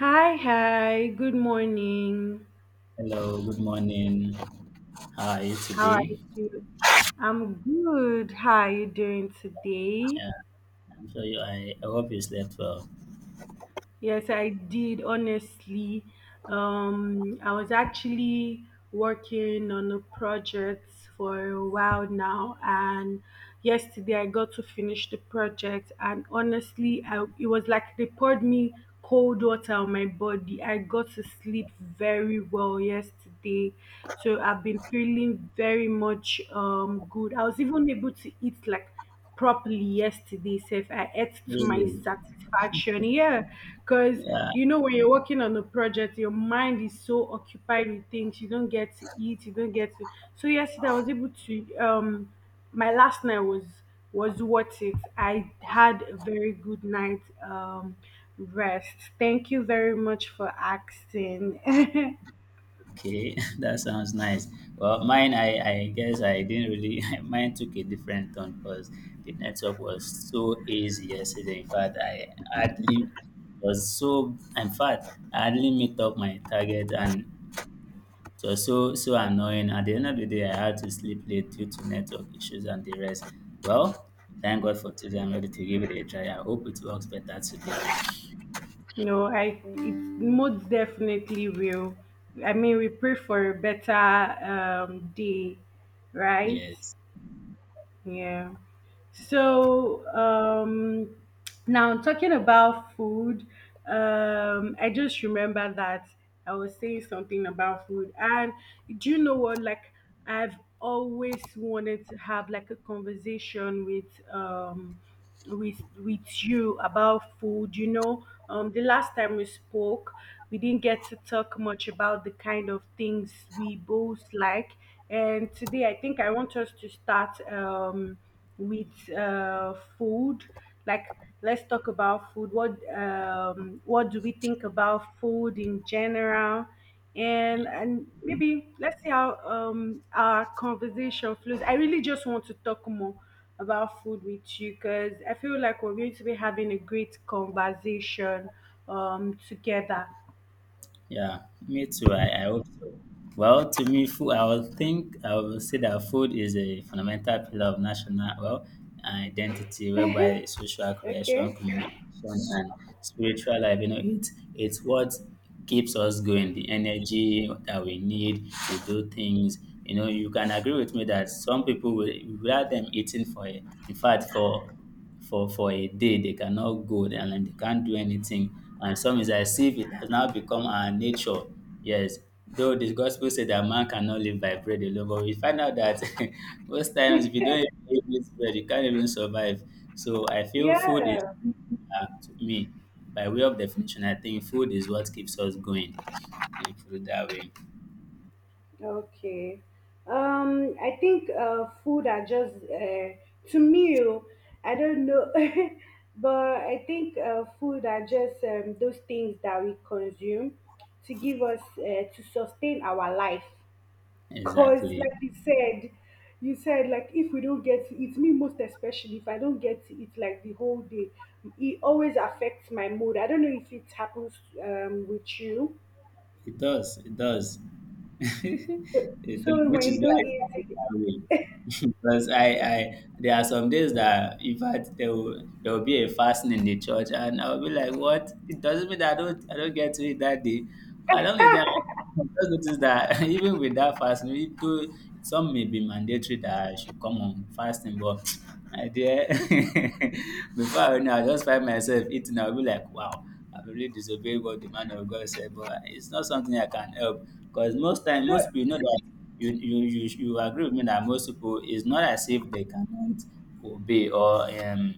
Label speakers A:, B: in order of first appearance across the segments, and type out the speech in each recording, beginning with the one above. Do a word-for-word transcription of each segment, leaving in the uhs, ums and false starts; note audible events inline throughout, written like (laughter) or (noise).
A: Hi, hi. Good morning.
B: Hello, good morning. How are you
A: How are you
B: today?
A: doing? I'm good. How are you doing today?
B: Yeah, I'm sure you. I, I hope you slept well.
A: Yes, I did. Honestly, um, I was actually working on a project for a while now, and yesterday I got to finish the project. And honestly, I, it was like they poured me cold water on my body. I got to sleep very well yesterday, so I've been feeling very much um good. I was even able to eat like properly yesterday, safe, I ate to my
B: Really?
A: satisfaction, yeah, because
B: Yeah.
A: you know when you're working on a project, your mind is so occupied with things. You don't get to eat, you don't get to. So yesterday I was able to um my last night was was worth it. I had a very good night, um rest. Thank you very much for asking. (laughs)
B: Okay, (laughs) that sounds nice. Well, mine, I, I guess I didn't really. (laughs) Mine took a different turn because the network was so easy yesterday. In fact, I hardly was so. In fact, I hardly meet up my target, and it was so so annoying. At the end of the day, I had to sleep late due to network issues and the rest. Well, thank God for today. I'm ready to give it a try. I hope it works better today.
A: No, I it most definitely will. I mean, we pray for a better um, day, right?
B: Yes.
A: Yeah. So um, now talking about food, um, I just remember that I was saying something about food, and do you know what? Like, I've always wanted to have like a conversation with um with with you about food. You know, um, the last time we spoke, we didn't get to talk much about the kind of things we both like. And today, I think I want us to start um, with uh, food. Like, let's talk about food. What um, what do we think about food in general? And and maybe let's see how um, our conversation flows. I really just want to talk more about food with you because I feel like we're going to be having a great conversation um together.
B: Yeah, me too. I, I hope so. Well, to me, food, I will think, I will say that food is a fundamental pillar of national, well, identity, whereby social creation,
A: Okay.
B: communication, and spiritual life, you know, it, it's what keeps us going, the energy that we need to do things. You know, you can agree with me that some people will, without them eating for, a- in fact, for for for a day, they cannot go, and then they can't do anything. And some is as if it has now become our nature. Yes. Though the gospel said that man cannot live by bread alone, but we find out that (laughs) most times, if you don't even eat this bread, you can't even survive. So I feel food is
A: Yeah.
B: uh, to me, by way of definition, I think food is what keeps us going, if you put it that way.
A: Okay. Um, I think uh, food are just uh, to me. Oh, I don't know, (laughs) but I think uh, food are just um, those things that we consume to give us uh, to sustain our life. 'Cause,
B: Exactly.
A: like you said, you said, like, if we don't get it, me most especially, if I don't get it like the whole day, it always affects my mood. I don't know if it happens um with you.
B: It does. It does. (laughs) It does,
A: So
B: which
A: when
B: is
A: you
B: why
A: don't
B: I
A: eat
B: have it
A: it,
B: that way. (laughs) Because I, I there are some days that in fact there will there will be a fasting in the church, and I'll be like, what, it doesn't mean that I don't I don't get to it that day. I don't get that. (laughs) I just notice that (laughs) even with that fasting we do, some may be mandatory that I should come on fasting, but (tsk) my dear, (laughs) before I know, I just find myself eating. I'll be like, wow, I really disobey what the man of God said, but it's not something I can help. Because most time,
A: so
B: most people, you know that you you you, you agree with me that most people, it's not as if they cannot obey or um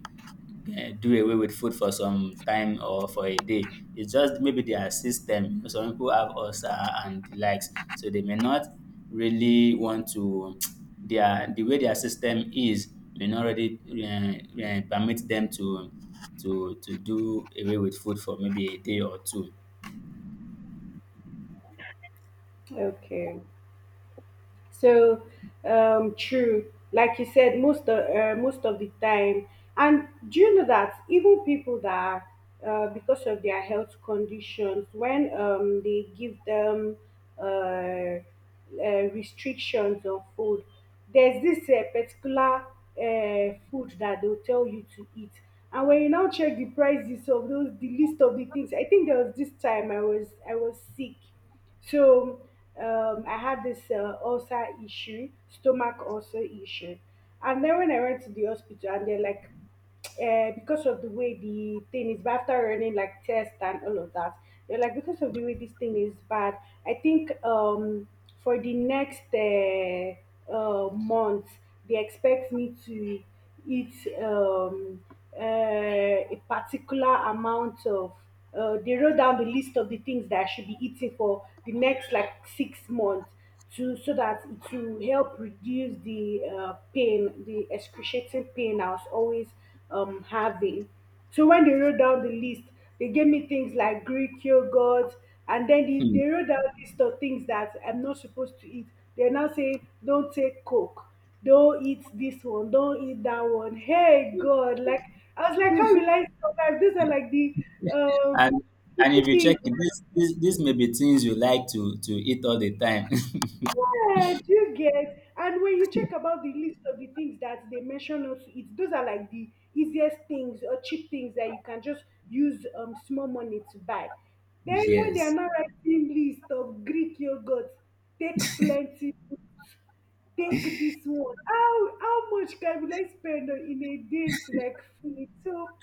B: eh, do away with food for some time or for a day. It's just maybe their system. You know, some people have ulcer and the likes, so they may not really want to. Their the way their system is may not already uh, uh, permit them to to to do away with food for maybe a day or two.
A: okay. So um, true. Like you said, most of, uh, most of the time. And do you know that even people that are, uh, because of their health conditions, when um, they give them uh, uh, restrictions on food, there's this uh, particular uh, food that they'll tell you to eat. And when you now check the prices of those, the list of the things, I think there was this time I was I was sick, so um, I had this uh, ulcer issue, stomach ulcer issue. And then when I went to the hospital, and they're like, uh, because of the way the thing is, but after running like tests and all of that, they're like, because of the way this thing is bad, I think um, for the next uh, uh, month, they expect me to eat um, uh, a particular amount of uh, they wrote down the list of the things that I should be eating for the next like six months, to, so that it will help reduce the uh, pain, the excruciating pain I was always um, having. So when they wrote down the list, they gave me things like Greek yogurt, and then they,
B: Hmm.
A: they wrote down a list of things that I'm not supposed to eat. They're now saying, don't take Coke, don't eat this one, don't eat that one. Hey God, like, I was like, how will I survive? These are like the um
B: And and
A: little
B: if you check
A: things.
B: it, this this this may be things you like to to eat all the time.
A: Yeah, do you get? And when you check about the list of the things that they mention not to eat, those are like the easiest things or cheap things that you can just use um small money to buy.
B: (laughs)
A: Then when they are
B: Yes,
A: not, writing list of Greek yogurt, take plenty, take this one. How how much can, will I spend on- in a date like feel. So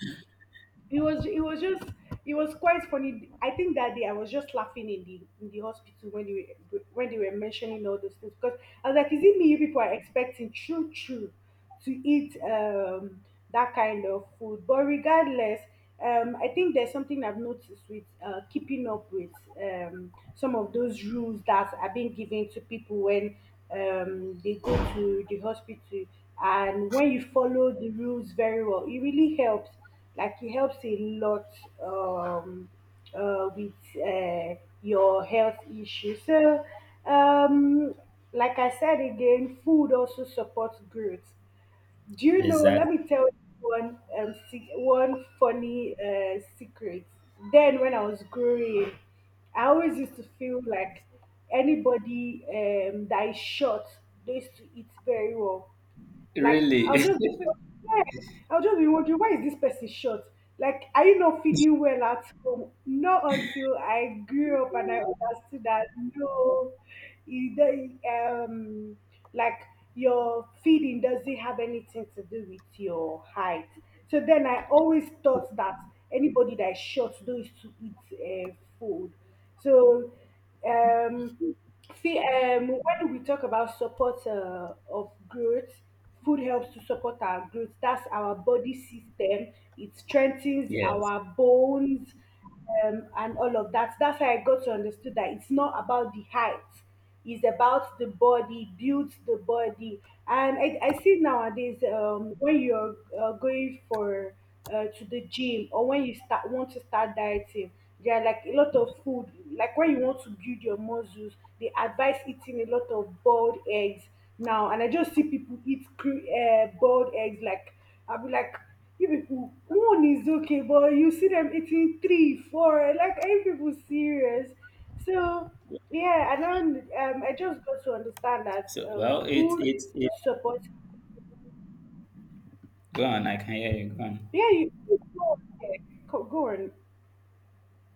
A: it was, it was just, it was quite funny. I think that day I was just laughing in the in the hospital when they were when they were mentioning all those things, because I was like, is it me you people are expecting, true, true, to eat um that kind of food? But regardless, um I think there's something I've noticed with uh keeping up with um some of those rules that are being given to people when um they go to the hospital. And when you follow the rules very well, it really helps, like, it helps a lot, um, uh, with uh, your health issues. So, um, like I said again, food also supports growth. Do you know? Let
B: exactly.
A: me tell you one um, se- one funny uh, secret. Then, when I was growing, I always used to feel like anybody um, that is short, they used to eat very well. Like,
B: Really.
A: I'll just, yes, I'll just be wondering, why is this person short? Like, are you not feeding well at home? Not until I grew up and I understood that no, it, don't- um, like, your feeding doesn't have anything to do with your height. So then I always thought that anybody that is short knows to eat uh, food. So um see, um, when we talk about support uh, of growth, food helps to support our growth. That's our body system. It
B: (laughs)
A: strengthens
B: Yes.
A: our bones um, and all of that. That's how I got to understood that it's not about the height, is about the body, build the body. And I, I see nowadays um, when you're uh, going for uh, to the gym, or when you start, want to start dieting, there are like a lot of food. Like when you want to build your muscles, they advise eating a lot of boiled eggs now. And I just see people eat cru- uh, boiled eggs. Like, I'll be like, you people, one is okay, but you see them eating three, four. Like, are you people serious? So yeah, and then um, I just got to understand that
B: So
A: um,
B: well, it
A: food
B: it it.
A: support.
B: Go on. I can hear you. Go on.
A: Yeah, you you go on. Yeah, go go on.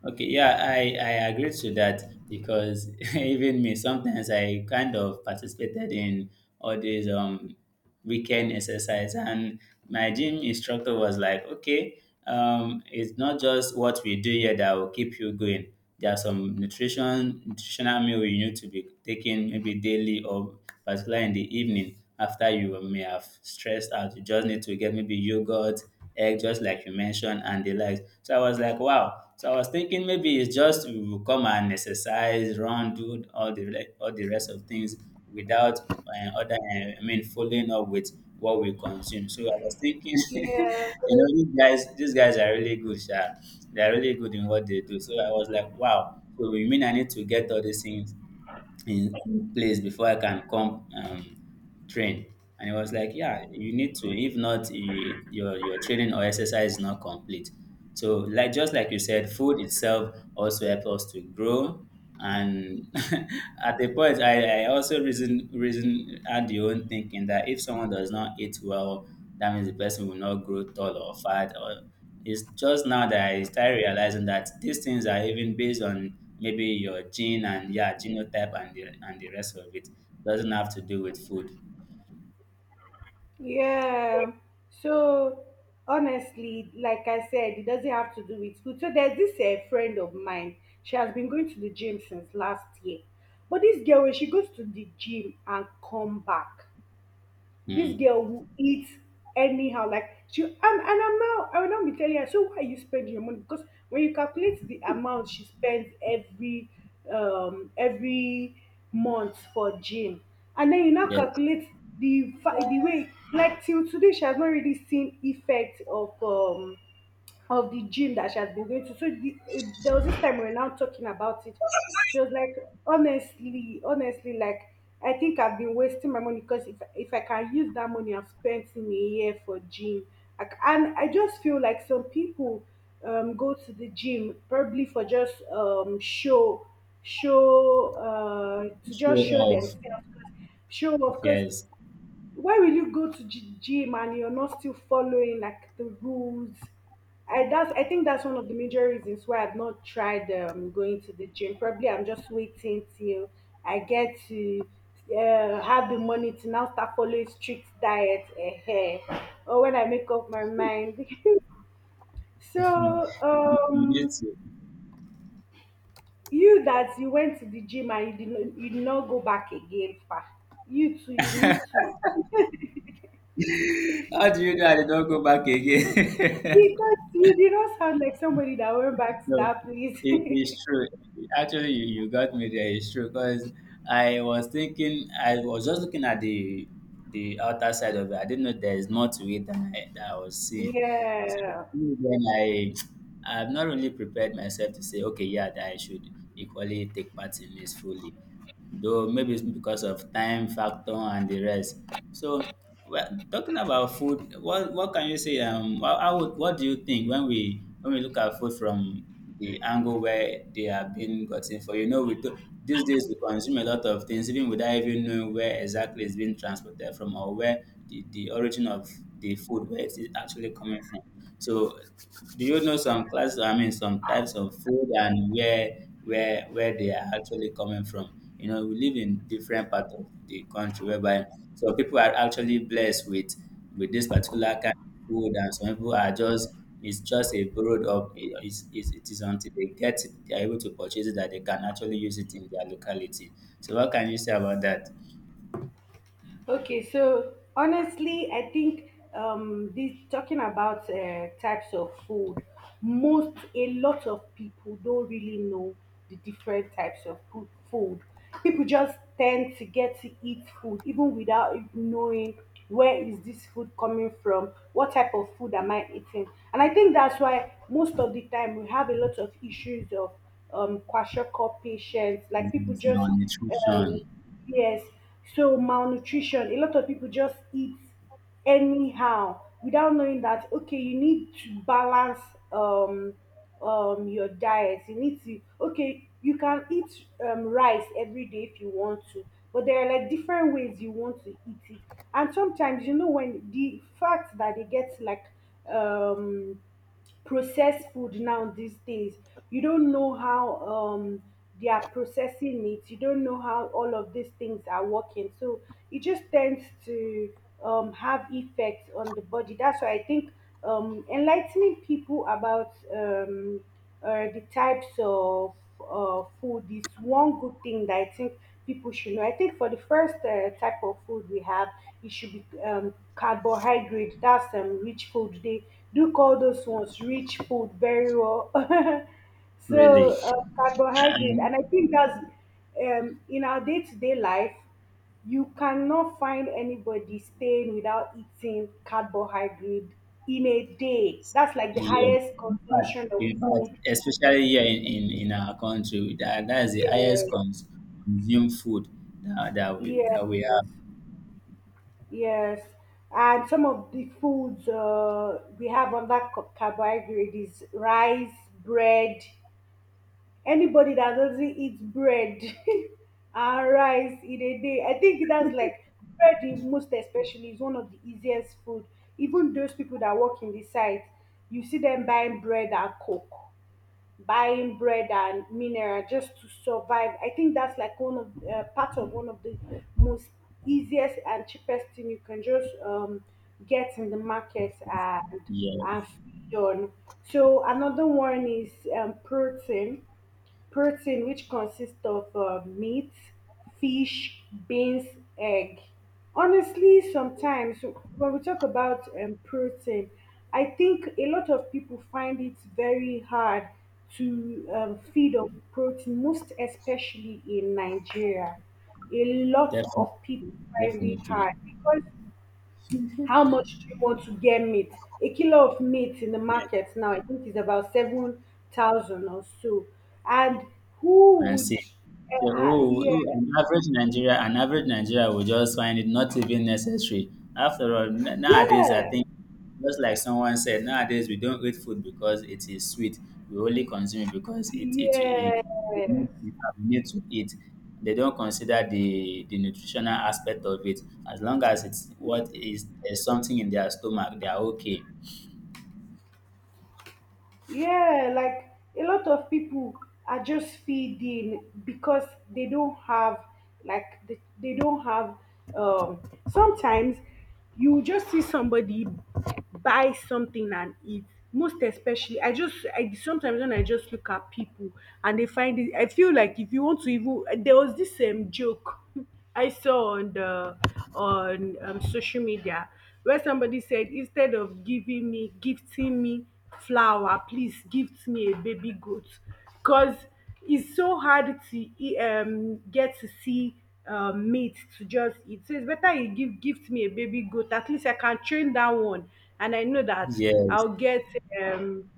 B: Okay, yeah, I, I agree to that because (laughs) even me, sometimes I kind of participated in all these um weekend exercise, and my gym instructor was like, okay, um, it's not just what we do here that will keep you going. There are some nutrition nutritional meal you need to be taking maybe daily or particularly in the evening after you may have stressed out. You just need to get maybe yogurt, egg, just like you mentioned, and the likes. So I was like, wow. So I was thinking maybe it's just we will come and exercise, run, do all the re- all the rest of things without uh, other, uh, I mean, following up with what we consume. So I was thinking, (laughs) you
A: Yeah,
B: know, these guys, these guys are really good, sha. They're really good in what they do. So I was like, wow. So you mean I need to get all these things in in place before I can come um, train? And it was like, yeah, you need to. If not, you, your your training or exercise is not complete. So like just like you said, food itself also helps us to grow. And (laughs) at the point, I, I also reason reason had the own thinking that if someone does not eat well, that means the person will not grow tall or fat, or it's just now that I started realizing that these things are even based on maybe your gene and, yeah, genotype and the, and the rest of it. Doesn't have to do with food.
A: yeah. So honestly, like I said, it doesn't have to do with food. So there's this uh, friend of mine. She has been going to the gym since last year, but this girl, when she goes to the gym and come back, this
B: Hmm.
A: girl will eat anyhow. Like she, and, and I'm now, I will not be telling her, so why are you spend your money? Because when you calculate the amount she spends every um every month for gym, and then you now
B: Yes.
A: calculate the fa- the way, like, till today she has not really seen effect of um of the gym that she has been going to. So the, eh, there was this time we were now talking about it. She was like, honestly, honestly, like, I think I've been wasting my money because if if I can use that money I've spent in a year for gym, like, and I just feel like some people um go to the gym probably for just um show, show uh to
B: Show
A: just show
B: off.
A: themselves, show, of course.
B: Yes.
A: Why will you go to gy- gym and you're not still following like the rules? I That's, I think that's one of the major reasons why I've not tried um, going to the gym. Probably I'm just waiting till I get to uh, have the money to now start following strict diet, uh, or when I make up my mind. (laughs)
B: (laughs) you
A: So
B: you need
A: um
B: to.
A: you that you went to the gym and you did not, you did not go back again, far, you too, you need to.
B: (laughs) How do you know I did not go back again? (laughs)
A: Because you did not sound like somebody that went back to
B: No,
A: that place.
B: it is true. Actually, you, you got me there. It's true because I was thinking, I was just looking at the the outer side of it. I didn't know there is more to it than I, that I was
A: (laughs)
B: seeing. So
A: Yeah.
B: then I, I've not really prepared myself to say, okay, yeah, that I should equally take part in this fully, though maybe it's because of time factor and the rest. So well, talking about food, what what can you say? Um, how, how would, what do you think when we when we look at food from the angle where they are being gotten for? You know, we do, these days we consume a lot of things even without even knowing where exactly it's being transported from, or where the, the origin of the food, where it is actually coming from. So do you know some class? I mean, some types of food and where where where they are actually coming from. You know, we live in different parts of the country, whereby some people are actually blessed with with this particular kind of food, and some people are just it's just a borrowed up. It is it, it is until they get it, they are able to purchase it, that they can actually use it in their locality. So, what can you say about that?
A: Okay, so honestly, I think, um, this talking about uh, types of food, most, a lot of people don't really know the different types of food. food. People just tend to get to eat food even without even knowing, where is this food coming from, what type of food am I eating, and I think that's why most of the time we have a lot of issues of um, kwashiorkor patients, like, people
B: Mm,
A: just, um,
B: malnutrition,
A: yes, so malnutrition, a lot of people just eat anyhow without knowing that, okay, you need to balance um um your diet. You need to, okay, you can eat um rice every day if you want to, but there are like different ways you want to eat it. And sometimes you know when the fact that they get like um processed food now these days, you don't know how um they are processing it, you don't know how all of these things are working. So it just tends to um, have effects on the body. That's why I think um, enlightening people about um, uh, the types of uh, food is one good thing that I think people should know. I think for the first uh, type of food we have, it should be um, carbohydrate. That's um, rich food. They do call those ones rich food very well. (laughs)
B: really.
A: so uh, carbohydrate,
B: And
A: and I think that's um, in our day-to-day life, you cannot find anybody staying without eating carbohydrate in a day. That's like the
B: yes.
A: highest
B: In fact,
A: consumption of
B: in fact,
A: food.
B: especially here in, in, in our country, that, that is the
A: Yes,
B: highest cons- consumed food that, that we
A: yes,
B: that we
A: yes,
B: have.
A: yes. And some of the foods uh, we have on that ca- carbohydrate is rice, bread. Anybody that doesn't eat bread (laughs) and rice in a day, I think that's like bread, is most especially, is one of the easiest food. Even those people that work in the site, you see them buying bread and coke, buying bread and mineral just to survive. I think that's like one of uh, part of one of the most easiest and cheapest thing you can just um, get in the market and and
B: Yes,
A: feed on. So another one is um, protein. Protein, which consists of uh, meat, fish, beans, egg. Honestly, sometimes when we talk about um, protein, I think a lot of people find it very hard to um, feed on protein, most especially in Nigeria. A lot
B: definitely,
A: of people find it
B: definitely.
A: hard because how much do you want to get meat? A kilo of meat in the
B: Yes.
A: market now, I think, is about seven thousand or so. And who
B: And
A: would,
B: see.
A: uh,
B: So,
A: ha-
B: oh,
A: yeah,
B: oh, an average Nigeria, an average Nigeria will just find it not even necessary. After all, n- nowadays I
A: yeah,
B: think, just like someone said, nowadays we don't eat food because it is sweet. We only consume it because it it it we
A: yes.
B: need to eat. They don't consider the the nutritional aspect of it. As long as it's what is there's something in their stomach, they are okay.
A: Yeah, like a lot of people are just feeding because they don't have, like they, they don't have, um sometimes you just see somebody buy something and eat, most especially i just i sometimes when I just look at people, and they find it, I feel like if you want to. Even there was this um joke (laughs) I saw on the on um, social media where somebody said, instead of giving me gifting me flower, please gift me a baby goat, because it's so hard to e- um get to see um, meat to just eat. So it's better you give gift me a baby goat, at least I can train that one and I know that
B: Yes,
A: I'll get um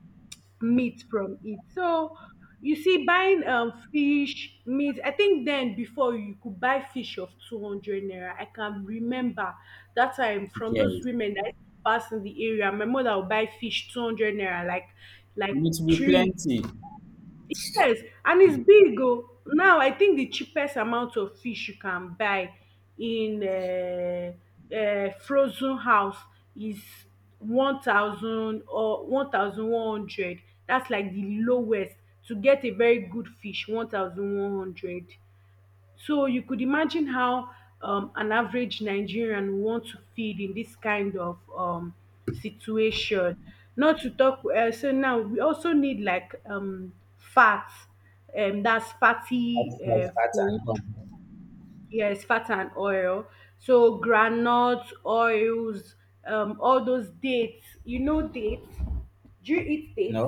A: meat from it. So you see, buying um fish meat, I think then before, you could buy fish of two hundred naira. I can remember that time from those
B: yes,
A: women that used to pass in the area. My mother would buy fish two hundred naira, like like
B: and it will be
A: three.
B: plenty. That's
A: Yes, and it's big. Oh. Now, I think the cheapest amount of fish you can buy in uh, uh, frozen house is one thousand or one thousand one hundred. That's like the lowest, to get a very good fish, one thousand one hundred. So you could imagine how um, an average Nigerian would want to feed in this kind of um, situation. Not to talk, uh, so now we also need like um, fat, um, that's fatty
B: like
A: uh,
B: fat and
A: food,
B: all.
A: yes, fat and oil. So granuts, oils, um, all those dates. You know dates? Do you eat dates?
B: No.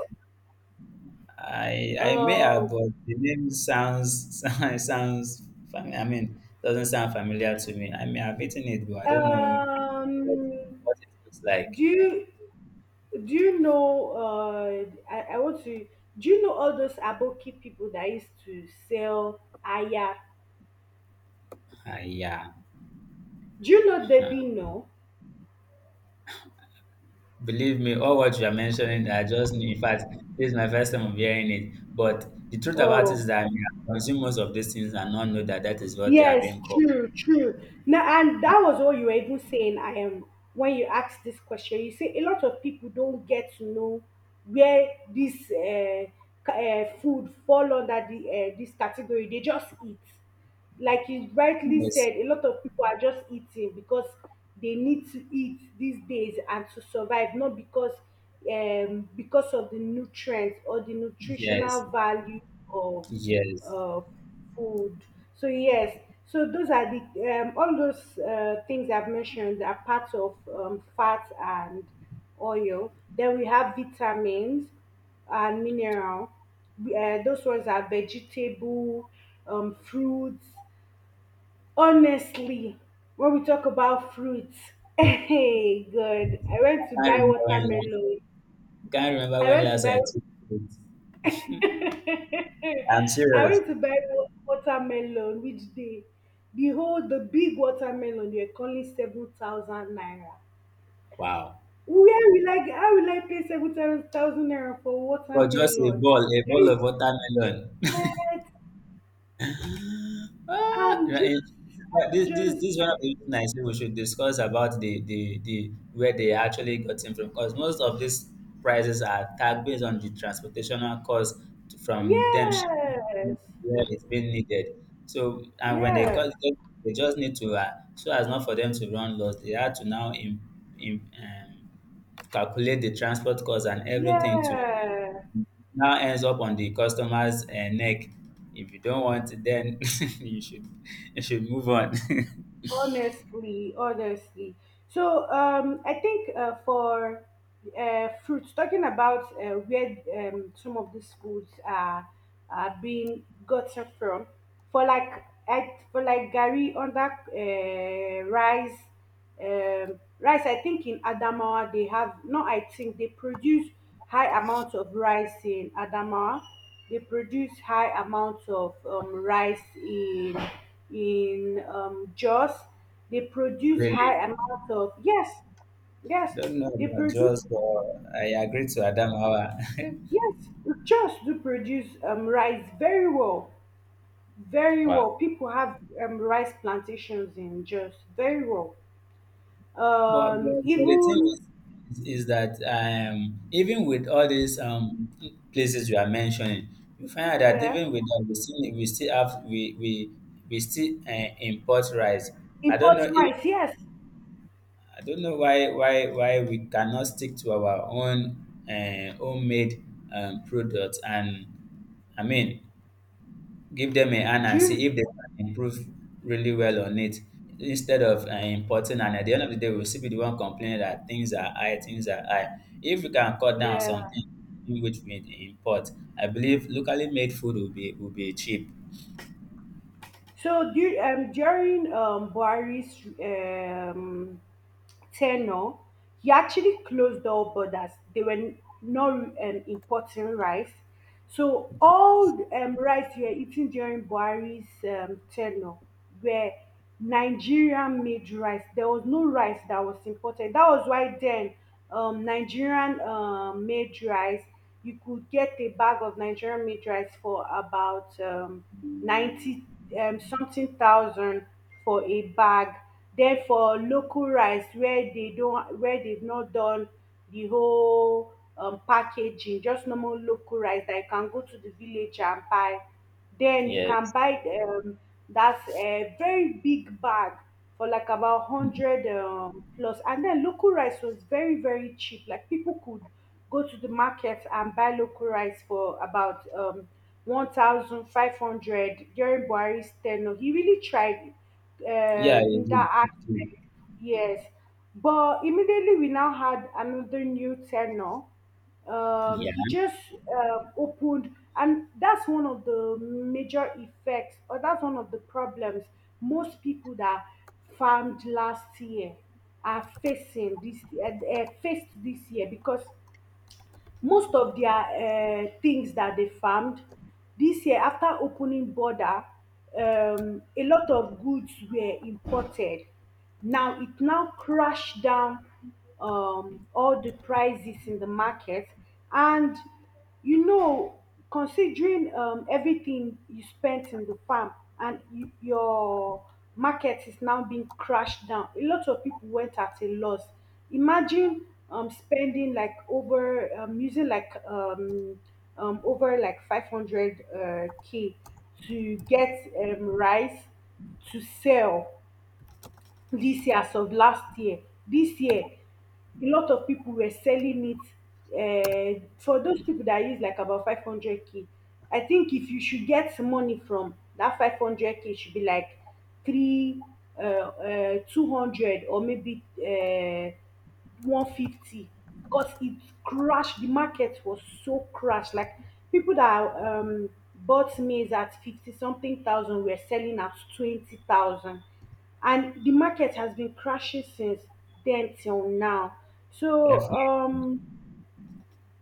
B: I I may
A: Uh,
B: have, but the name sounds (laughs) sounds sounds fam- I mean, doesn't sound familiar to me. I may have eaten it, but I don't know what,
A: um,
B: what it looks
A: do
B: like.
A: you Do you know? Uh, I, I want to. Do you know all those aboki people that used to sell aya?
B: Ah, yeah.
A: Do you know
B: Uh,
A: Debbie? No.
B: Believe me, all what you are mentioning, I just knew. In fact, this is my first time of hearing it. But the truth about it
A: Oh,
B: is that I may have consumed most of these things and not know that that is what they are
A: yes,
B: being called.
A: true, true. Now, and that was what you were even saying. I am When you asked this question, you say a lot of people don't get to know where this uh, uh, food fall under the uh, this category. They just eat. Like you rightly
B: Yes,
A: said, a lot of people are just eating because they need to eat these days and to survive, not because um because of the nutrients or the nutritional
B: yes,
A: value of
B: yes.
A: uh, food. So yes, so those are the um, all those uh, things I've mentioned are parts of um, fat and oil. Then we have vitamins and mineral. We- Uh, those ones are vegetable, um, fruits. Honestly, when we talk about fruits, (laughs) hey, good. I went to
B: I can't
A: buy
B: remember when last.
A: watermelon.
B: Can't remember
A: I
B: when
A: went to
B: last I
A: buy.
B: took it.
A: (laughs)
B: I'm
A: I
B: serious.
A: went to buy wa- watermelon which day? Behold, the big watermelon they are calling seven thousand naira.
B: Wow.
A: Where will I get? How will I pay seven thousand naira for
B: For just a
A: watermelon?
B: ball, a ball
A: I
B: of watermelon. (laughs)
A: get.
B: Ah,
A: I'm
B: right, eh,
A: just.
B: but
A: I'm
B: this this this
A: just
B: is one of the
A: like,
B: reasons I say we should discuss about the the the where they actually got him from, because most of these prices are tagged based on the transportational cost to- from them shipping
A: yes,
B: to where it's being needed. So, and when they
A: yes,
B: cut it, they just need to uh, so as not for them to run loss, they had to now im im um, calculate the transport cost and everything to
A: yes.
B: now ends up on the customer's uh, neck. If you don't want it, then (laughs) you should you should move on.
A: Honestly, honestly. So um, I think uh, for uh, fruits, talking about uh, where um, some of these foods are are being gotten from, for like at, for like gari under uh, rice, um, rice, I think in Adamawa they have, no, I think they produce high amounts of rice in Adamawa. They produce high amounts of um, rice in in um, Jos. They
B: (laughs)
A: produce high
B: Really,
A: amounts of, yes.
B: I
A: Yes,
B: don't know
A: they
B: about
A: produce.
B: Jaws, but I agree to Adam. (laughs)
A: Yes, Jos do produce um, rice very well, very
B: Wow.
A: well. People have um, rice plantations in Jos very well.
B: But,
A: Um,
B: but but the thing
A: even
B: is, is that um, even with all these um, places you are mentioning, you find out that
A: yeah.
B: even with that, we still we still have we we we still uh, import rice. I don't
A: Import
B: know if.
A: rights, yes.
B: I don't know why why why we cannot stick to our own uh, homemade um, products, and I mean give them a hand and see
A: During,
B: if they can improve really well on it, instead of uh, importing, and at the end of the day we'll still be the one complaining that things are high, things are high if we can cut down
A: yeah.
B: something in which we import, I believe locally made food will be will be cheap.
A: So du- um, during um, Buhari's um, tenure, he actually closed all borders. They were not um, importing rice. So all um, rice we were eating during Buhari's um, tenure were Nigerian made rice. There was no rice that was imported. That was why then um, Nigerian um, made rice, you could get a bag of Nigerian made rice for about um, ninety um, something thousand for a bag. Then for local rice where they don't, where they've not done the whole um packaging, just normal local rice that you can go to the village and buy, then you can
B: Yes.
A: buy um that's a very big bag for like about
B: Mm.
A: hundred um plus plus. And then local rice was very very cheap, like people could go to the market and buy local rice for about um one thousand five hundred during Buhari's ten. He really tried
B: Yeah,
A: uh, in
B: it will, it will.
A: yes, but immediately we now had another new tenor. Um, he
B: Yeah.
A: just uh, opened, and that's one of the major effects, or that's one of the problems most people that farmed last year are facing this, uh, uh, faced this year, because most of their um tins dat dey farmed this year after opening border, um a lot of goods were imported. Now it now crashed down um all the prices in the market, and you know, considering um, everything you spent in the farm and y- your market is now being crashed down, a lot of people went at a loss. Imagine um, spending like over um, using like um, um, over like five hundred uh, k to get um, rice to sell this year as of last year. This year, a lot of people were selling it. Uh, for those people that use like about five hundred k, I think if you should get some money from that five hundred k, should be like three, uh, uh, two hundred, or maybe uh, one hundred fifty, because it crashed. The market was so crashed. Like people that um, bought maize at fifty something thousand were selling at twenty thousand, and the market has been crashing since then till now. So um,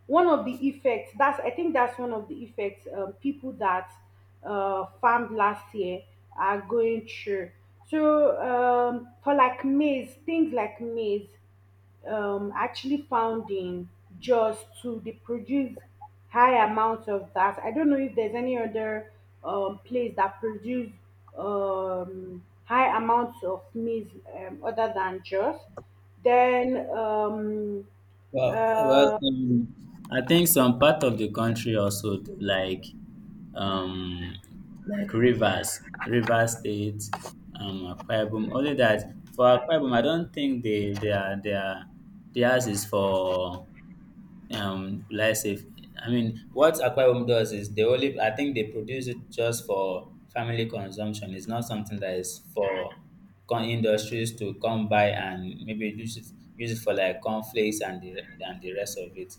A: one of the effects that's, I think that's one of the effects um, people that uh, farmed last year are going through. So um, for like maize, things like maize, um, actually founding, just to, they produce high amounts of that. I don't know if there's any other um, place that produce um, high amounts of maize um, other than just. Then, um,
B: Well, well,
A: uh,
B: um, I think some part of the country also like um like rivers, river state, um, Akwa Ibom. Only that for Akwa Ibom, I don't think they they are they are theirs is for um will I say I mean what Aqua Home does is they only, I think, they produce it just for family consumption. It's not something that is for con industries to come by and maybe use it use it for like cornflakes and the and the rest of it.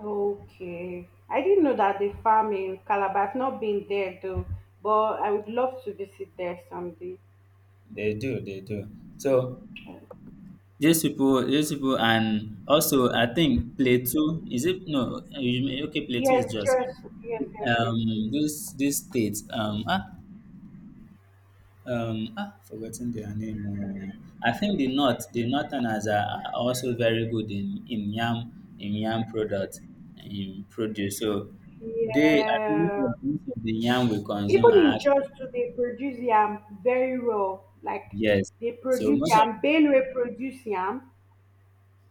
A: okay, I didn't know that they farm in Calabar. I've not been there though, but I would love to visit there someday.
B: They do, they do. So these people these people and also I think Plateau is it, no you- okay, Plateau is
A: Yes,
B: just
A: just, yes, yes,
B: um
A: yes.
B: this this state, um ah um ah forgotten their name, um I think the north the northerners are are also very good in in yam, in yam product, in produce. So they, I think most of
A: Yeah.
B: most of the yam we consume
A: Even
B: are
A: in
B: actually,
A: church too, they produce yam very raw, like
B: yes,
A: they
B: so
A: produce
B: most of,
A: yam. Benue produce yam,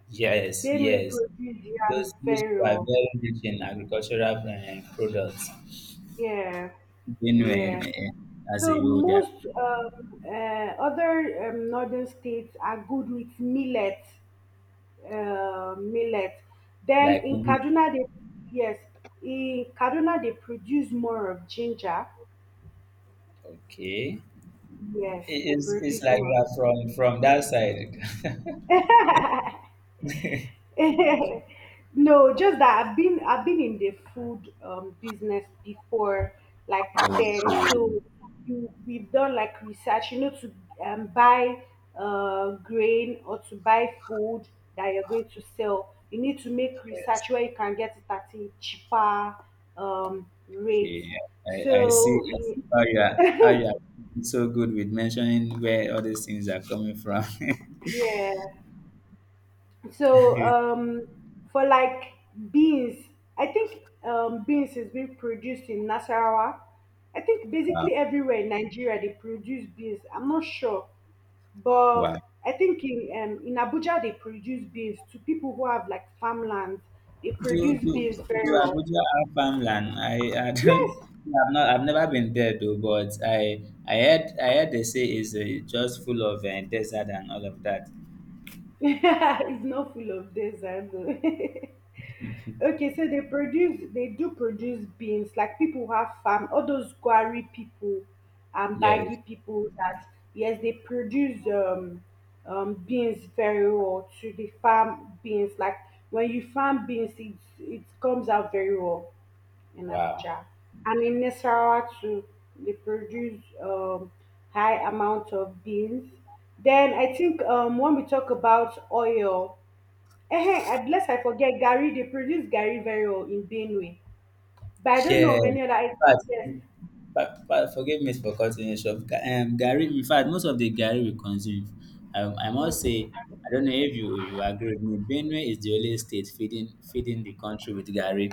B: yes,
A: Benue
B: yes,
A: produce yam
B: those those
A: very
B: people are
A: raw,
B: very rich in agricultural um products.
A: yeah,
B: Benue,
A: yeah.
B: uh, as a
A: So
B: whole, they are
A: most um, uh, other um, northern states are good with millet, uh, millet then
B: like
A: in
B: wheat.
A: Kaduna they, yes, in Kaduna they produce more of ginger,
B: Okay.
A: yes,
B: It-
A: they
B: it's it's
A: produce
B: like you
A: more.
B: are from from that side. (laughs)
A: (laughs) No, just that I've been, I've been in the food um, business before, like then. So you, we've done like research, you know, to um, buy uh, grain or to buy food that you're going to sell. You need to make research
B: Yes.
A: where you can get it at a cheaper um, rate.
B: Okay, I, I see,
A: So
B: I
A: y-
B: see how you are, how you are doing so good with mentioning where all these things are coming from. (laughs)
A: yeah. So um, for like beans, I think um, beans is being produced in Nasarawa. I think basically everywhere in Nigeria they produce beans. I'm not sure, but
B: Wow.
A: I think in um, in Abuja they produce beans to people who have like farmland. They
B: Do
A: produce
B: do
A: beans
B: do
A: very well.
B: Abuja have farmland? I, I don't,
A: Yes,
B: I've not, I've never been there though, but I I heard, I heard they say it's uh, just full of uh, desert and all of that.
A: (laughs) it's not full of desert. (laughs) Okay, so they produce, they do produce beans, like people who have farm, all those Gwari people and baggy
B: Yes.
A: people that, yes, they produce um, um, beans very well to the farm beans. Like when you farm beans, it, it comes out very well in
B: Wow.
A: Abuja. And in Nasarawa too, they produce um, high amount of beans. Then I think um, when we talk about oil, eh, I bless, I forget Gary. They produce Gary very well in Benue. But I don't know
B: Yeah.
A: of any other I-
B: In fact,
A: yes.
B: but, but forgive me for cutting you short. Ga- Um, Gary, in fact, most of the Gary we consume, um, I must say, I don't know if you, you agree with me. Benue is the only state feeding feeding the country with Gary.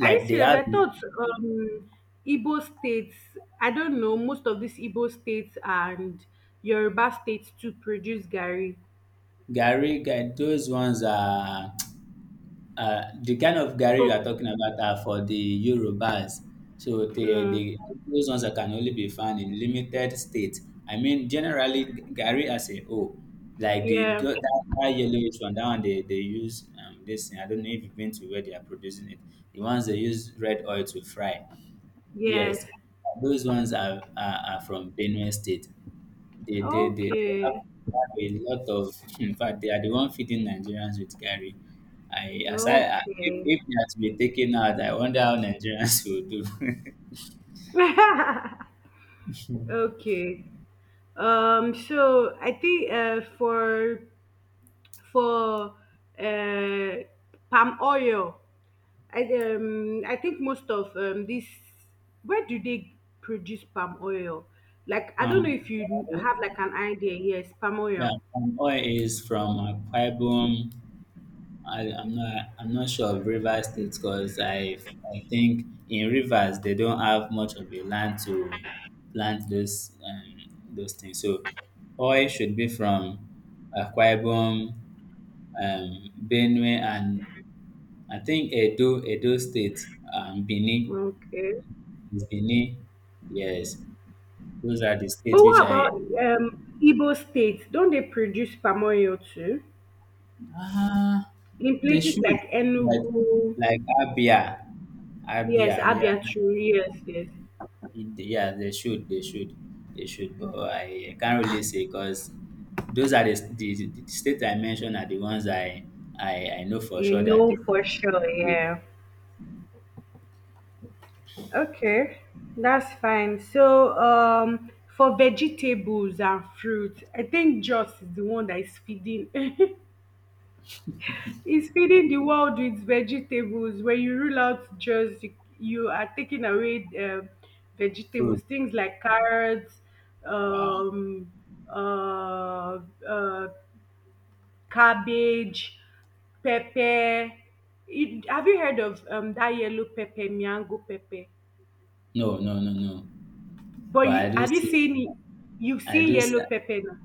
A: Are you
B: they
A: serious?
B: have
A: I thought um Igbo states, I don't know, most of these Igbo states and Yoruba states to produce Gary.
B: Gary. Ga- those ones are, uh, the kind of gari you are
A: But
B: talking about are for the Yorubas. So they, they,
A: mm,
B: those ones that can only be found in limited states. I mean, generally, gari, as a whole, like the
A: yeah,
B: tho- that, that yellowish one, that one they, they use um, this thing. I don't know if you've been to where they are producing it. The ones they use red oil to fry.
A: yes.
B: Yes, those ones are, are, are from Benue State. They they they, they have,
A: Okay.
B: they have a lot of. (laughs) In fact, they are the one feeding Nigerians with Gary. I as I, I- If,
A: Okay.
B: if they are to be taken out, I wonder how Nigerians (laughs) will do. (laughs)
A: (laughs) okay. Um so I think uh for for uh palm oil I um I think most of um this where do they produce palm oil? Like I don't know
B: Um,
A: if you have like an idea. Yes, palm
B: yeah,
A: oil.
B: palm oil is from Akwa Ibom. I, I'm not I'm not sure of Rivers State because I I think in Rivers they don't have much of the land to plant those um, those things. So oil should be from Akwa Ibom, um, Benue, and I think Edo, Edo State, and Benin.
A: Okay.
B: Is Benin? Yes, those are the
A: But
B: states which
A: what
B: I.
A: about um Igbo states? Don't they produce palm oil too?
B: Ah,
A: In
B: they
A: places
B: should,
A: like
B: like,
A: Enugu,
B: like Abia,
A: yes,
B: Abia. Yeah,
A: Abia true, yes, yes.
B: it- yeah, they should, they should, they should. But I can't really say because those are the, the, the states I mentioned are the ones I, I, I know for
A: You
B: sure that
A: know
B: they
A: for sure,
B: will
A: yeah. Okay, that's fine. So, um, for vegetables and fruits, I think Joss is the one that is feeding. (laughs) is feeding the world with vegetables. When you rule out just you, you are taking away um vegetables,
B: fruit.
A: things like carrots,
B: Wow.
A: um, uh, uh, cabbage, pepper. It, have you heard of um, that yellow pepper, miango pepper?
B: No, no, no, no.
A: But
B: But I
A: you,
B: do
A: have you
B: see,
A: seen you've
B: I
A: seen
B: do. See,
A: yellow pepper now?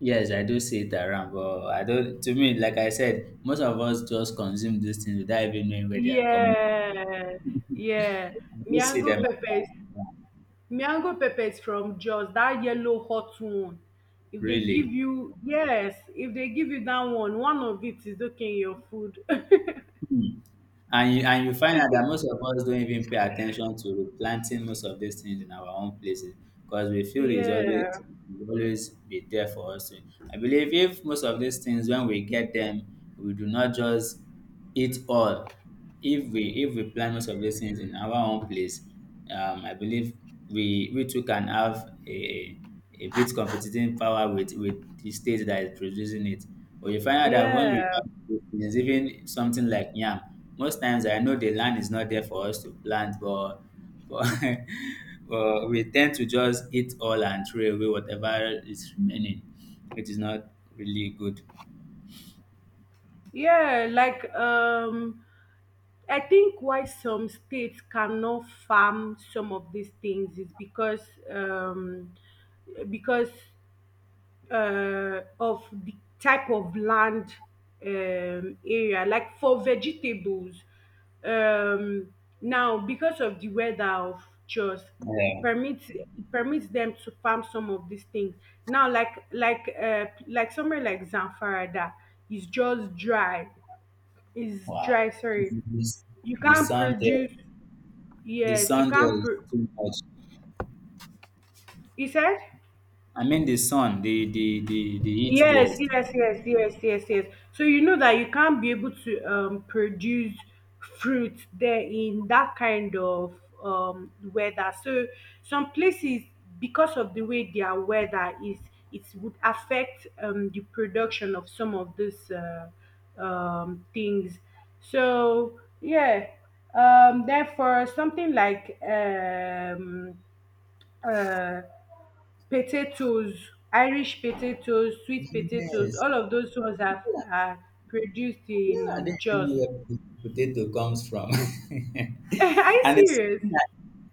B: yes, I do see it around, but I don't. To me, like I said, most of us just consume these things without even knowing where they are coming
A: Yeah, yeah.
B: from. I do see
A: Miango
B: them
A: peppers.
B: around,
A: Miango peppers from Jos, that yellow hot one. If they give
B: really.
A: you yes, if they give you that one, one of it is okay in your food. (laughs)
B: Hmm. And you, and you find out that most of us don't even pay attention to planting most of these things in our own places because we feel it's always,
A: Yeah,
B: it will always be there for us. I believe if most of these things when we get them, we do not just eat all. If we if we plant most of these things in our own place, um, I believe we we too can have a, it builds competing power with with the state that is producing it. But you find out that when we
A: yeah,
B: is even something like yam, most times I know the land is not there for us to plant, but but, (laughs) but we tend to just eat all and throw away whatever is remaining, which is not really good.
A: yeah. Like, um, I think why some states cannot farm some of these things is because, um, because uh, of the type of land um, area like for vegetables, um, now because of the weather of Jos, it
B: Yeah.
A: permits it permits them to farm some of these things now, like like uh, like somewhere like Zamfara that is just dry is
B: Wow.
A: dry, sorry.
B: This-
A: You
B: the
A: can't
B: sun there,
A: produce,
B: the
A: yes, you
B: sun there
A: can't
B: is
A: pro-
B: too much.
A: you said
B: I mean the sun, the the the, the heat there
A: yes,
B: is.
A: yes, yes, yes, yes, yes. So you know that you can't be able to um produce fruit there in that kind of um weather. So some places, because of the way their weather is, it would affect um the production of some of these uh, um things. So yeah, um therefore something like um uh potatoes, irish potatoes, sweet potatoes,
B: Yes.
A: all of those ones are, are produced in
B: Yeah, I
A: um,
B: didn't even
A: Jos.
B: know where po- potato comes from. (laughs)
A: (laughs) Are you
B: And it's
A: serious?
B: something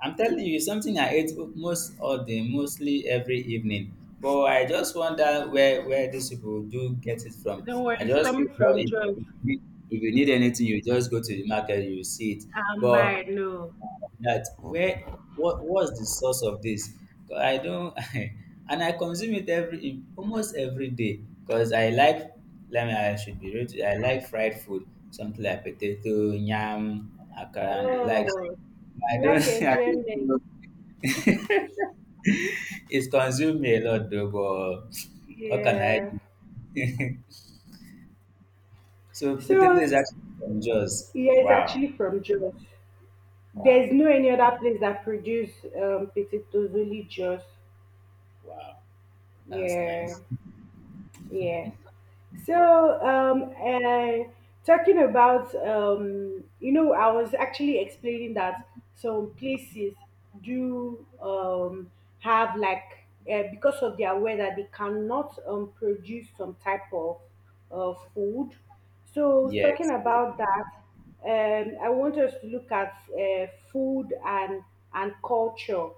B: I, I'm telling you, it's something I ate most all day, mostly every evening. But I just wonder where, where these people do get it from.
A: Don't worry,
B: I
A: it's
B: just feel,
A: coming
B: well,
A: from
B: if,
A: Jos.
B: if you need, if you need anything, you just go to the market, you see it.
A: Um
B: But
A: by no
B: that where, what, what's the source of this? 'Cause I don't, (laughs) and I consume it every, almost every day because I like, let me, I should be real to you, I like fried food, something like potato, yam, akara and the likes.
A: Oh, you
B: I don't,
A: like
B: (laughs) I don't
A: enjoyment.
B: know. (laughs) It's consumed me a lot though, but what can I
A: Yeah,
B: do? (laughs) So potato
A: so
B: is actually from Jaws.
A: yeah, it's
B: Wow.
A: actually from Jos.
B: Wow.
A: There's no any other place that produce um potatoes, only Jos.
B: Wow, that's
A: Yeah,
B: nice.
A: yeah. So, um, uh, talking about, um, you know, I was actually explaining that some places do um, have like uh, because of their weather, they cannot um, produce some type of uh, food. So, talking
B: Yes.
A: about that, um, I want us to look at uh, food and and culture.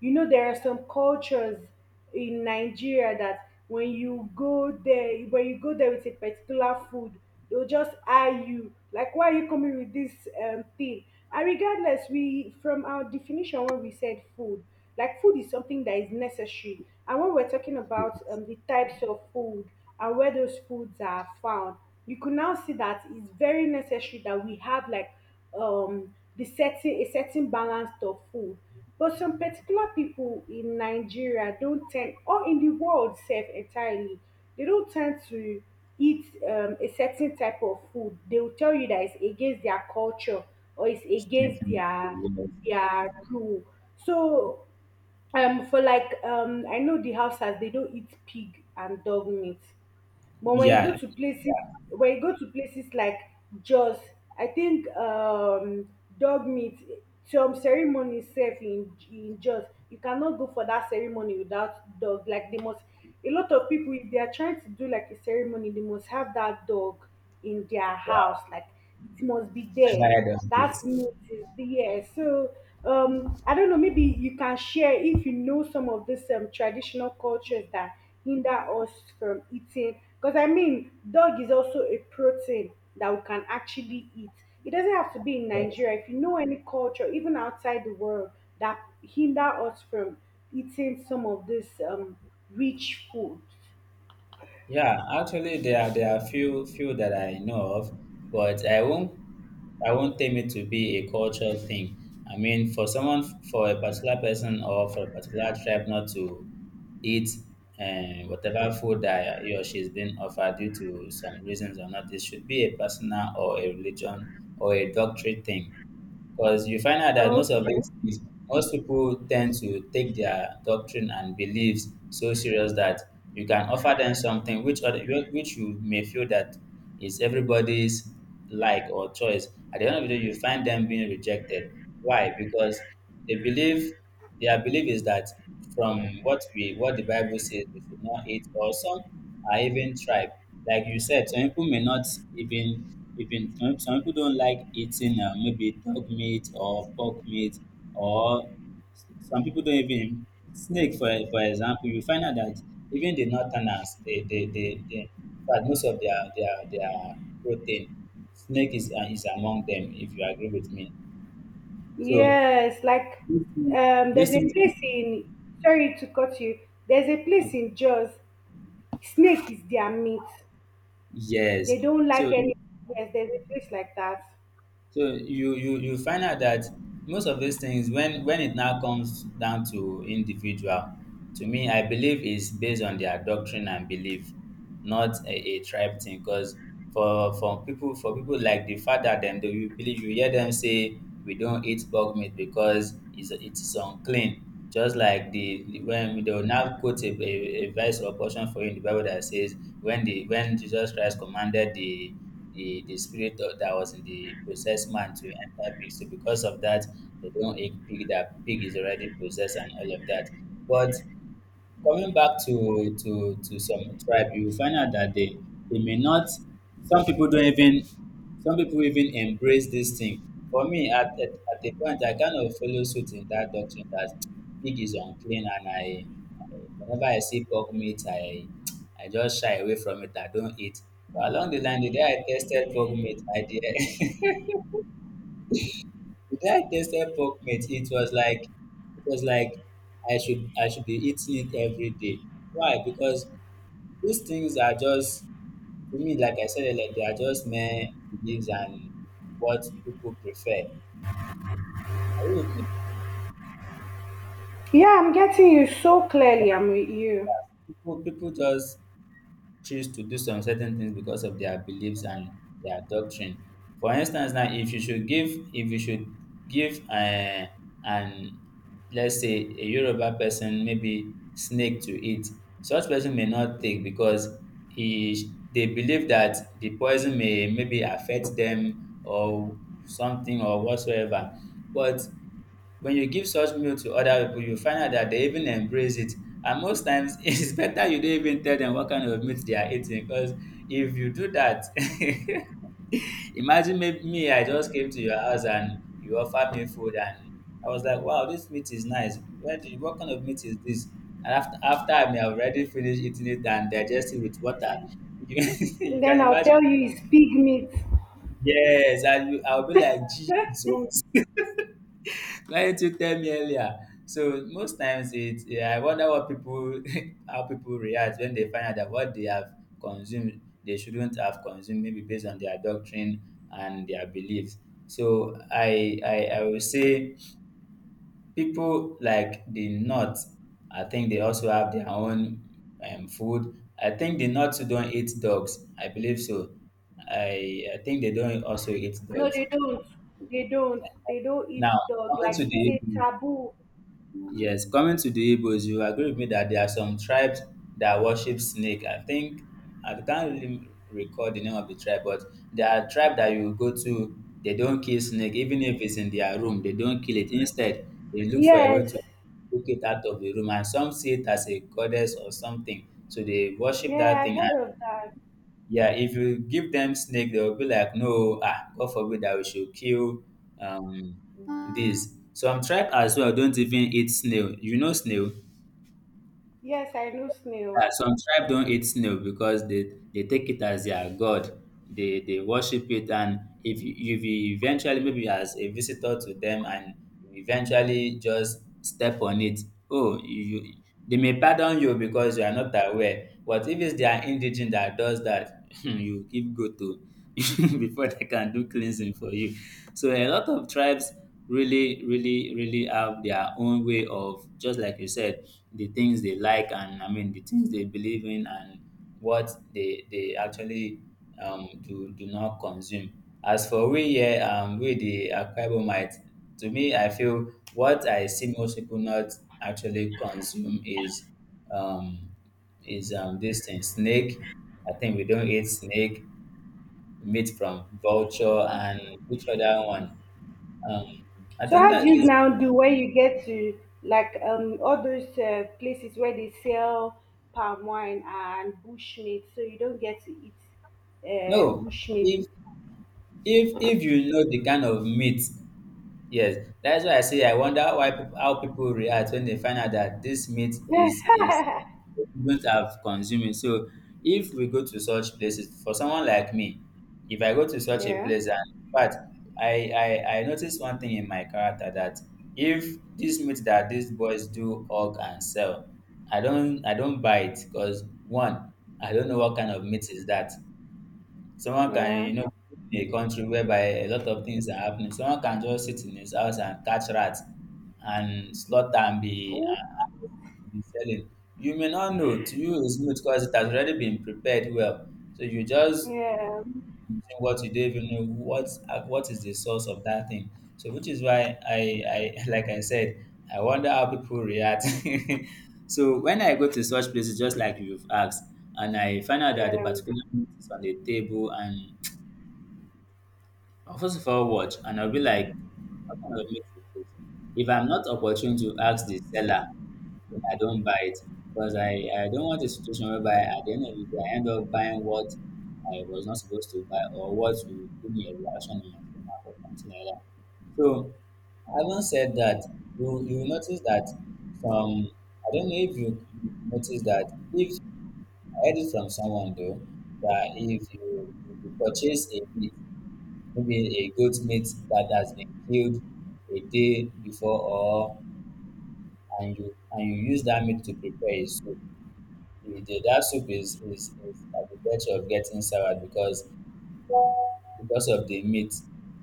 A: You know, there are some cultures in Nigeria that when you go there, when you go there with a particular food, they'll just eye you like, why are you coming with this um, thing? And regardless, we, from our definition, when we said food, like food is something that is necessary, and when we're talking about um, the types of food and where those foods are found, you can now see that it's very necessary that we have like um the certain a certain balance of food. But some particular people in Nigeria don't tend, or in the world self entirely, they don't tend to eat um, a certain type of food. They will tell you that it's against their culture or it's against their
B: Definitely,
A: their rule. So um, for like, um, I know the Hausas, they don't eat pig and dog meat. But when you go
B: yes.
A: to
B: Yeah.
A: places, when you go to places like Jos, I think um dog meat, some ceremony sef in in Jos, you cannot go for that ceremony without dog. Like, they must, a lot of people, if they are trying to do like a ceremony, they must have that dog in their house.
B: Wow.
A: Like, it must be there.
B: Never heard of
A: That
B: this.
A: meat is there. So um, I don't know. Maybe you can share if you know some of these um, traditional cultures that hinder us from eating. Because I mean, dog is also a protein that we can actually eat. It doesn't have to be in
B: Yes.
A: Nigeria. If you know any culture, even outside the world, that hinder us from eating some of this um, rich food.
B: Yeah, actually there are, there are few few that I know of, but I won't, I won't tame it to be a cultural thing. I mean for someone, for a particular person or for a particular tribe not to eat uh, whatever food that he or she is being offered due to some reasons or not, it should be a personal or a religion or a doctrine thing. Because you find out that most of these things, most people tend to take their doctrine and beliefs so serious that you can offer them something which other, which you may feel that is everybody's like or choice. At the end of the day, you find them being rejected. Why? Because they believe. Their belief is that from what we, what the Bible says, we should not eat, or some are even tribe. Like you said, some people may not even, even some, some people don't like eating uh, maybe dog meat or pork meat, or s- some people don't even snake, for for example. You find out that even the northerners, they they they, they in fact, most of their their their protein, snake is, uh, is among them. If you agree with me, so
A: Yes, like, um,
B: this
A: there's a
B: things, these
A: place in, sorry to cut you, there's a place
B: things.
A: in Jaws, snake is their meat.
B: Yes.
A: They don't like
B: So you,
A: any, yes, there's a place like that.
B: so you you you find out that most of these things when, when it now comes down to individual, to me I believe is based on their doctrine and belief, not a, a tribe thing. Because for for people for people like the father them, they will believe, you hear them say we don't eat pork meat because it's it is unclean. Just like the, the when they will now quote a, a, a verse or portion for you in the Bible that says when the, when Jesus Christ commanded the, the the spirit of, that was in the possessed man to enter pig. So because of that, they don't eat pig. That pig is already possessed and all of that. But coming back to to to some tribe, you will find out that they, they may not. Some people don't even. Some people even embrace this thing. For me, at, at, at the point, I kind of follow suit in that doctrine that pig is unclean, and I, I whenever I see pork meat, I I just shy away from it. I don't eat. But along the line, the day I tasted pork meat, I did. (laughs) The day I tasted pork meat, it was like, it was like I should, I should be eating it every day. Why? Because these things are just, to me, like I said earlier, they are just mere beliefs and what people prefer. I really think
A: Yeah, I'm getting you so clearly, I'm with you.
B: people, people just choose to do some certain things because of their beliefs and their doctrine. For instance, now if you should give, if you should give uh, an, let's say, a Yoruba person maybe snake to eat, such person may not take because he, they believe that the poison may, maybe affect them or something or whatsoever. But when you give such meal to other people, you find out that they even embrace it. And most times, (laughs) it's better you don't even tell them what kind of meat they are eating because if you do that, (laughs) imagine me, me, I just came to your house and you offered me food and I was like, wow, this meat is nice. Where do you, what kind of meat is this? And after, after I may have already finished eating it and digest it with water, (laughs) you, you
A: Then
B: can
A: I'll
B: imagine,
A: tell you it's pig meat.
B: yes, and you, I'll be like,
A: (laughs)
B: Jesus. Client who tell me earlier. So most times it yeah, I wonder what people (laughs) how people react when they find out that what they have consumed they shouldn't have consumed maybe based on their doctrine and their beliefs. So I I, I will say people like the North, I think they also have their own um, food. I think the North too don't eat dogs. I believe so. I I think they don't also eat
A: No,
B: dogs.
A: they don't. They don't. They don't eat
B: Now
A: dog.
B: coming
A: Like,
B: to
A: is it
B: the
A: taboo?
B: Yes, coming to the Igbos, you agree with me that there are some tribes that worship snake. I think I can't really recall the name of the tribe, but there are tribes that you go to, they don't kill snake, even if it's in their room, they don't kill it. Instead, they look for a way to
A: Yes.
B: take it out of the room, and some see it as a goddess or something. So they
A: Yeah,
B: worship that
A: I
B: thing, and
A: heard of that.
B: yeah, if you give them snake, they will be like, no, ah, god forbid that we should kill um this. Some tribe as well don't even eat snail. You know snail,
A: Yes, I know
B: yeah,
A: snail.
B: some tribe don't eat snail because they, they take it as their god. They they worship it, and if you, if you eventually maybe as a visitor to them, and you eventually just step on it, oh, you you- they may pardon you because you are not aware. But if it's their indigene that does that, (laughs) you give go to (laughs) before they can do cleansing for you. So a lot of tribes really, really, really have their own way of, just like you said, the things they like, and I mean the things they believe in, and what they they actually um do do not consume. As for we here, um we the Akwa Ibomite, to me I feel what I see most people not actually consume is um is um this thing, snake. I think we don't eat snake, meat from vulture, and which other one? Um, I
A: So
B: think
A: how do
B: that
A: you
B: is
A: now do when you get to like um all those uh, places where they sell palm wine and bush meat, so you don't get to eat uh,
B: no.
A: bush meat?
B: If if if you know the kind of meat, yes, that's why I say I wonder why peop- how people react when they find out that this meat is
A: Yeah,
B: is we don't have consuming. So if we go to such places, for someone like me, if I go to such a
A: yeah,
B: place, and in fact, I I I noticed one thing in my character that if this meat that these boys do hog and sell, I don't I don't buy it because one, I don't know what kind of meat is that. Someone can,
A: yeah,
B: you know, in a country whereby a lot of things are happening. Someone can just sit in his house and catch rats and slaughter and be
A: ooh,
B: and be selling. You may not know. To you, it's new because it has already been prepared well. So you just
A: yeah,
B: consume what you don't even know what what is the source of that thing. So which is why I I (laughs) like I said, I wonder how people react. (laughs) So when I go to such places, just like you've asked, and I find out that the
A: yeah.
B: particular meat is on the table, and I'll first of all watch, and I'll be like, what kind of meat is this? If I'm not opportune to ask the seller, then I don't buy it because I, I don't want a situation whereby at the end of the day I end up buying what I was not supposed to buy, or what will give me a reaction in my stomach or something like that. So having said that, you you will notice that from I don't know if you you notice that if I heard it from someone though, that if you if you purchase a maybe a goat meat that has been killed a day before, or and you and you use that meat to prepare a soup. The, the- that soup is, is, is at the virtue of getting sour because because of the meat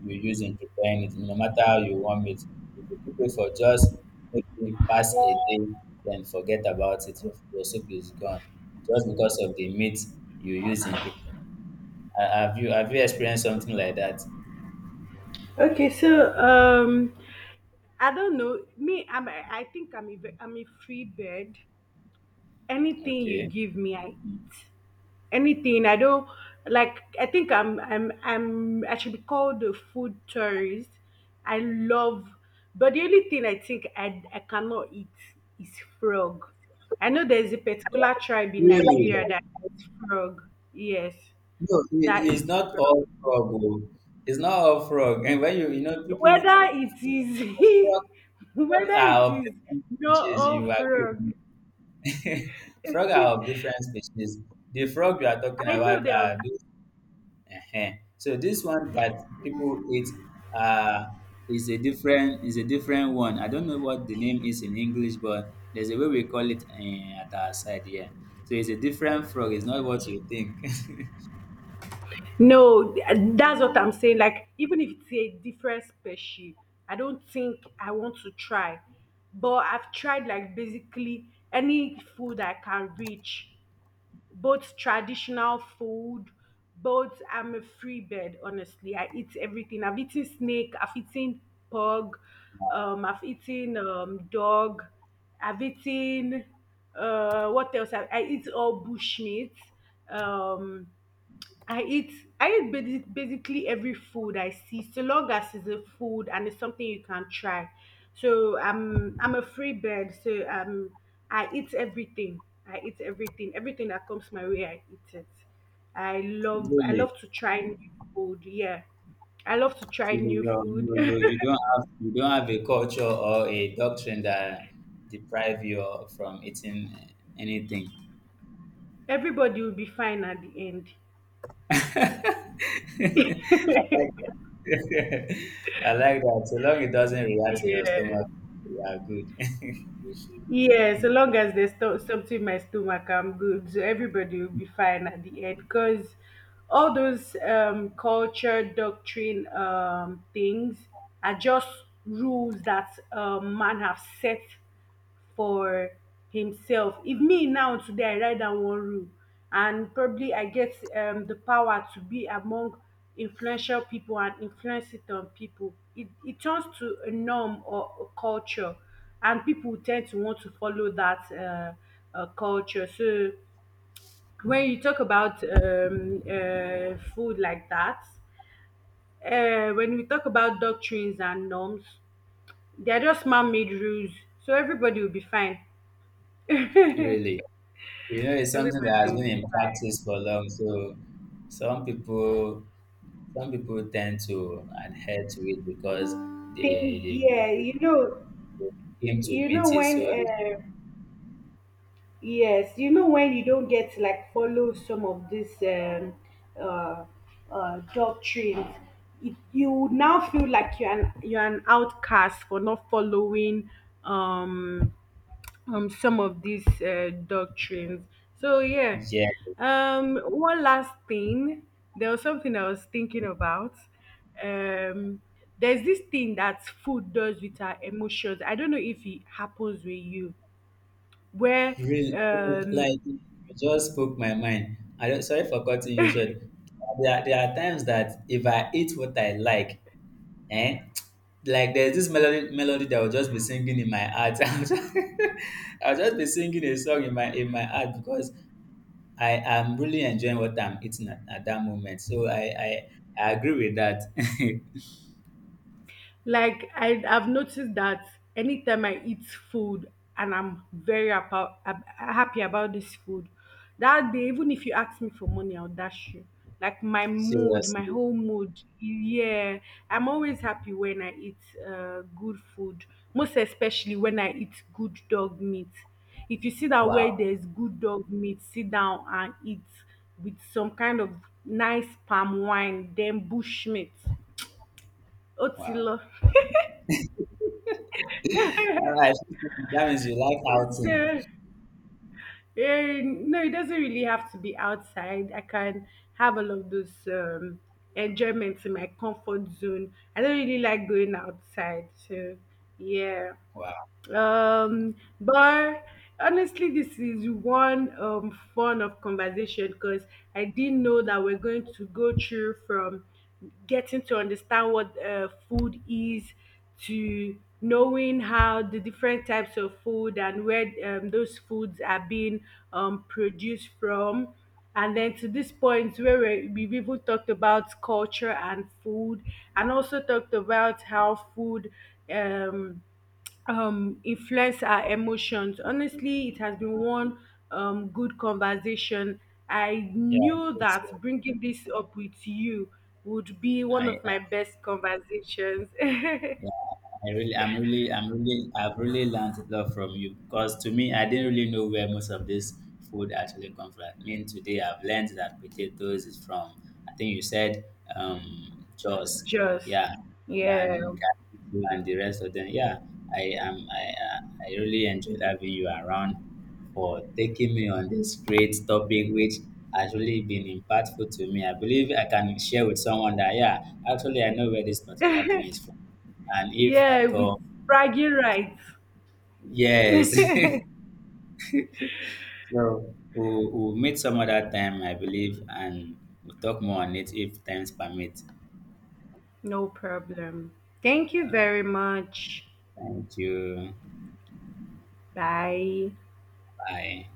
B: you use in preparing it. No matter how you warm it, if you keep it for just maybe past a day, then forget about it. Your, your soup is gone just because of the meat you use in preparing. Uh, Have you have you experienced something like that?
A: Okay, so um, I don't know. Me, I'm. I I think I'm a, ve- I'm a free bird. Anything you
B: Okay.
A: give me, I eat. Anything. I don't like. I think I'm I'm I'm I should be called a food tourist. I love, but the only thing I think I I cannot eat is frog. I know there's a particular tribe in Nigeria
B: Really?
A: that eats frog. Yes,
B: No,
A: that
B: it is
A: eats
B: not
A: frog.
B: all frog. Oh. It's not all frog. And when you, you know, people,
A: Whether it
B: frog,
A: is, (laughs)
B: frog
A: whether
B: are
A: it
B: of
A: is
B: different
A: no
B: species.
A: or
B: You agree with
A: frog.
B: me? (laughs) Frog are of different
A: (laughs)
B: species. The frog you are talking
A: I know
B: about
A: there
B: are
A: are
B: those. uh So this one that people eat uh, is a different is a different one. I don't know what the name is in English, but there's a way we call it uh, at our side here. So it's a different frog. It's not what you think. (laughs)
A: No, that's what I'm saying. Like, even if it's a different species, I don't think I want to try. But I've tried like basically any food I can reach, both traditional food, both, I'm a free bird, honestly. I eat everything. I've eaten snake, I've eaten pug, um, I've eaten um, dog, I've eaten uh, what else? I, I eat all bushmeat. Um, I eat I eat basi- basically every food I see, so long as it's a food and it's something you can try. So I'm I'm a free bird, so um I eat everything. I eat everything. Everything that comes my way, I eat it. I love I
B: Really.
A: love to try new food. Yeah, I love to try
B: So you,
A: new food.
B: you, you you don't have you don't have a culture or a doctrine that deprive you from eating anything.
A: (laughs) Everybody will be fine at the end.
B: (laughs) I like that.
A: (laughs)
B: (laughs) I like that. So long it doesn't react in your
A: yeah.
B: stomach, you are good.
A: Yeah, so long as there's sto- something in my stomach, I'm good. So everybody will be fine at the end. Because all those um, culture, doctrine um, things are just rules that um, man have set for himself. If me now today I write down one rule and probably I get um, the power to be among influential people and influence it on people, it, it turns to a norm or a culture, and people tend to want to follow that uh, uh, culture. So when you talk about um, uh, food like that, uh, when we talk about doctrines and norms, they are just man-made rules. So everybody will be fine. (laughs)
B: (laughs)
A: Everybody
B: Really. You know, it's
A: will
B: something that has
A: be
B: been in practice
A: fine.
B: for long. So some people some people tend to adhere to it because they
A: Thing,
B: they,
A: yeah,
B: grew-
A: you know,
B: they came to
A: you know
B: meet it.
A: when
B: So
A: uh, yes, you know when you don't get like follow some of these um, uh, uh, doctrines, it, you would now feel like you're an you're an outcast for not following um, um some of these uh, doctrines. So yeah,
B: yeah.
A: um, one last thing, there was something I was thinking about. Um, there's this thing that food does with our emotions. I don't know if it happens with you, where
B: Really,
A: um
B: like you just spoke my mind. I don't, sorry for cutting you short. There are, there are times that if I eat what I like, eh, like there's this melody melody that will just be singing in my heart. (laughs) I'll just, I'll just be singing a song in my in my heart because I am really enjoying what I'm eating at, at that moment. So I, I I agree with that. (laughs)
A: Like I I've noticed that anytime I eat food and I'm very about happy about this food, that day even if you ask me for money, I'll dash you. Like my mood,
B: Seriously,
A: my whole mood. Yeah, I'm always happy when I eat uh, good food. Most especially when I eat good dog meat. If you see that
B: wow,
A: where there's good dog meat, sit down and eat with some kind of nice palm wine, then bush meat.
B: wow.
A: Otilo.
B: All right, that means you like outing.
A: So, eh, no, it doesn't really have to be outside. I can have all of those um, enjoyments in my comfort zone. I don't really like going outside. So, yeah.
B: Wow,
A: Um, but honestly, this is one um fun of conversation because I didn't know that we're going to go through from getting to understand what uh, food is, to knowing how the different types of food and where um, those foods are being um, produced from. And then to this point where we- we've even talked about culture and food, and also talked about how food um, um influence our emotions. Honestly, it has been one um good conversation. I
B: yeah,
A: knew
B: me
A: that
B: too.
A: bringing this up with you would be one of
B: I
A: my best conversations.
B: Yeah,
A: (laughs)
B: I really, I'm really, I'm really, I've really learned a lot from you because to me, I didn't really know where most of this food actually comes from. I mean, today I've learned that potatoes is from, I think you said, um, Jos,
A: Just
B: yeah,
A: yeah,
B: and Ghana and the rest of them. Yeah, I am, I, I I really enjoyed having you around for taking me on this great topic, which has really been impactful to me. I believe I can share with someone that, yeah, actually, I know where this particular thing is from, and if
A: yeah,
B: at
A: with
B: all,
A: bragging rights.
B: yes.
A: (laughs)
B: (laughs) So we'll, we'll meet some other time, I believe, and we'll talk more on it if times permit.
A: No problem. Thank you very much.
B: Thank you.
A: Bye.
B: Bye.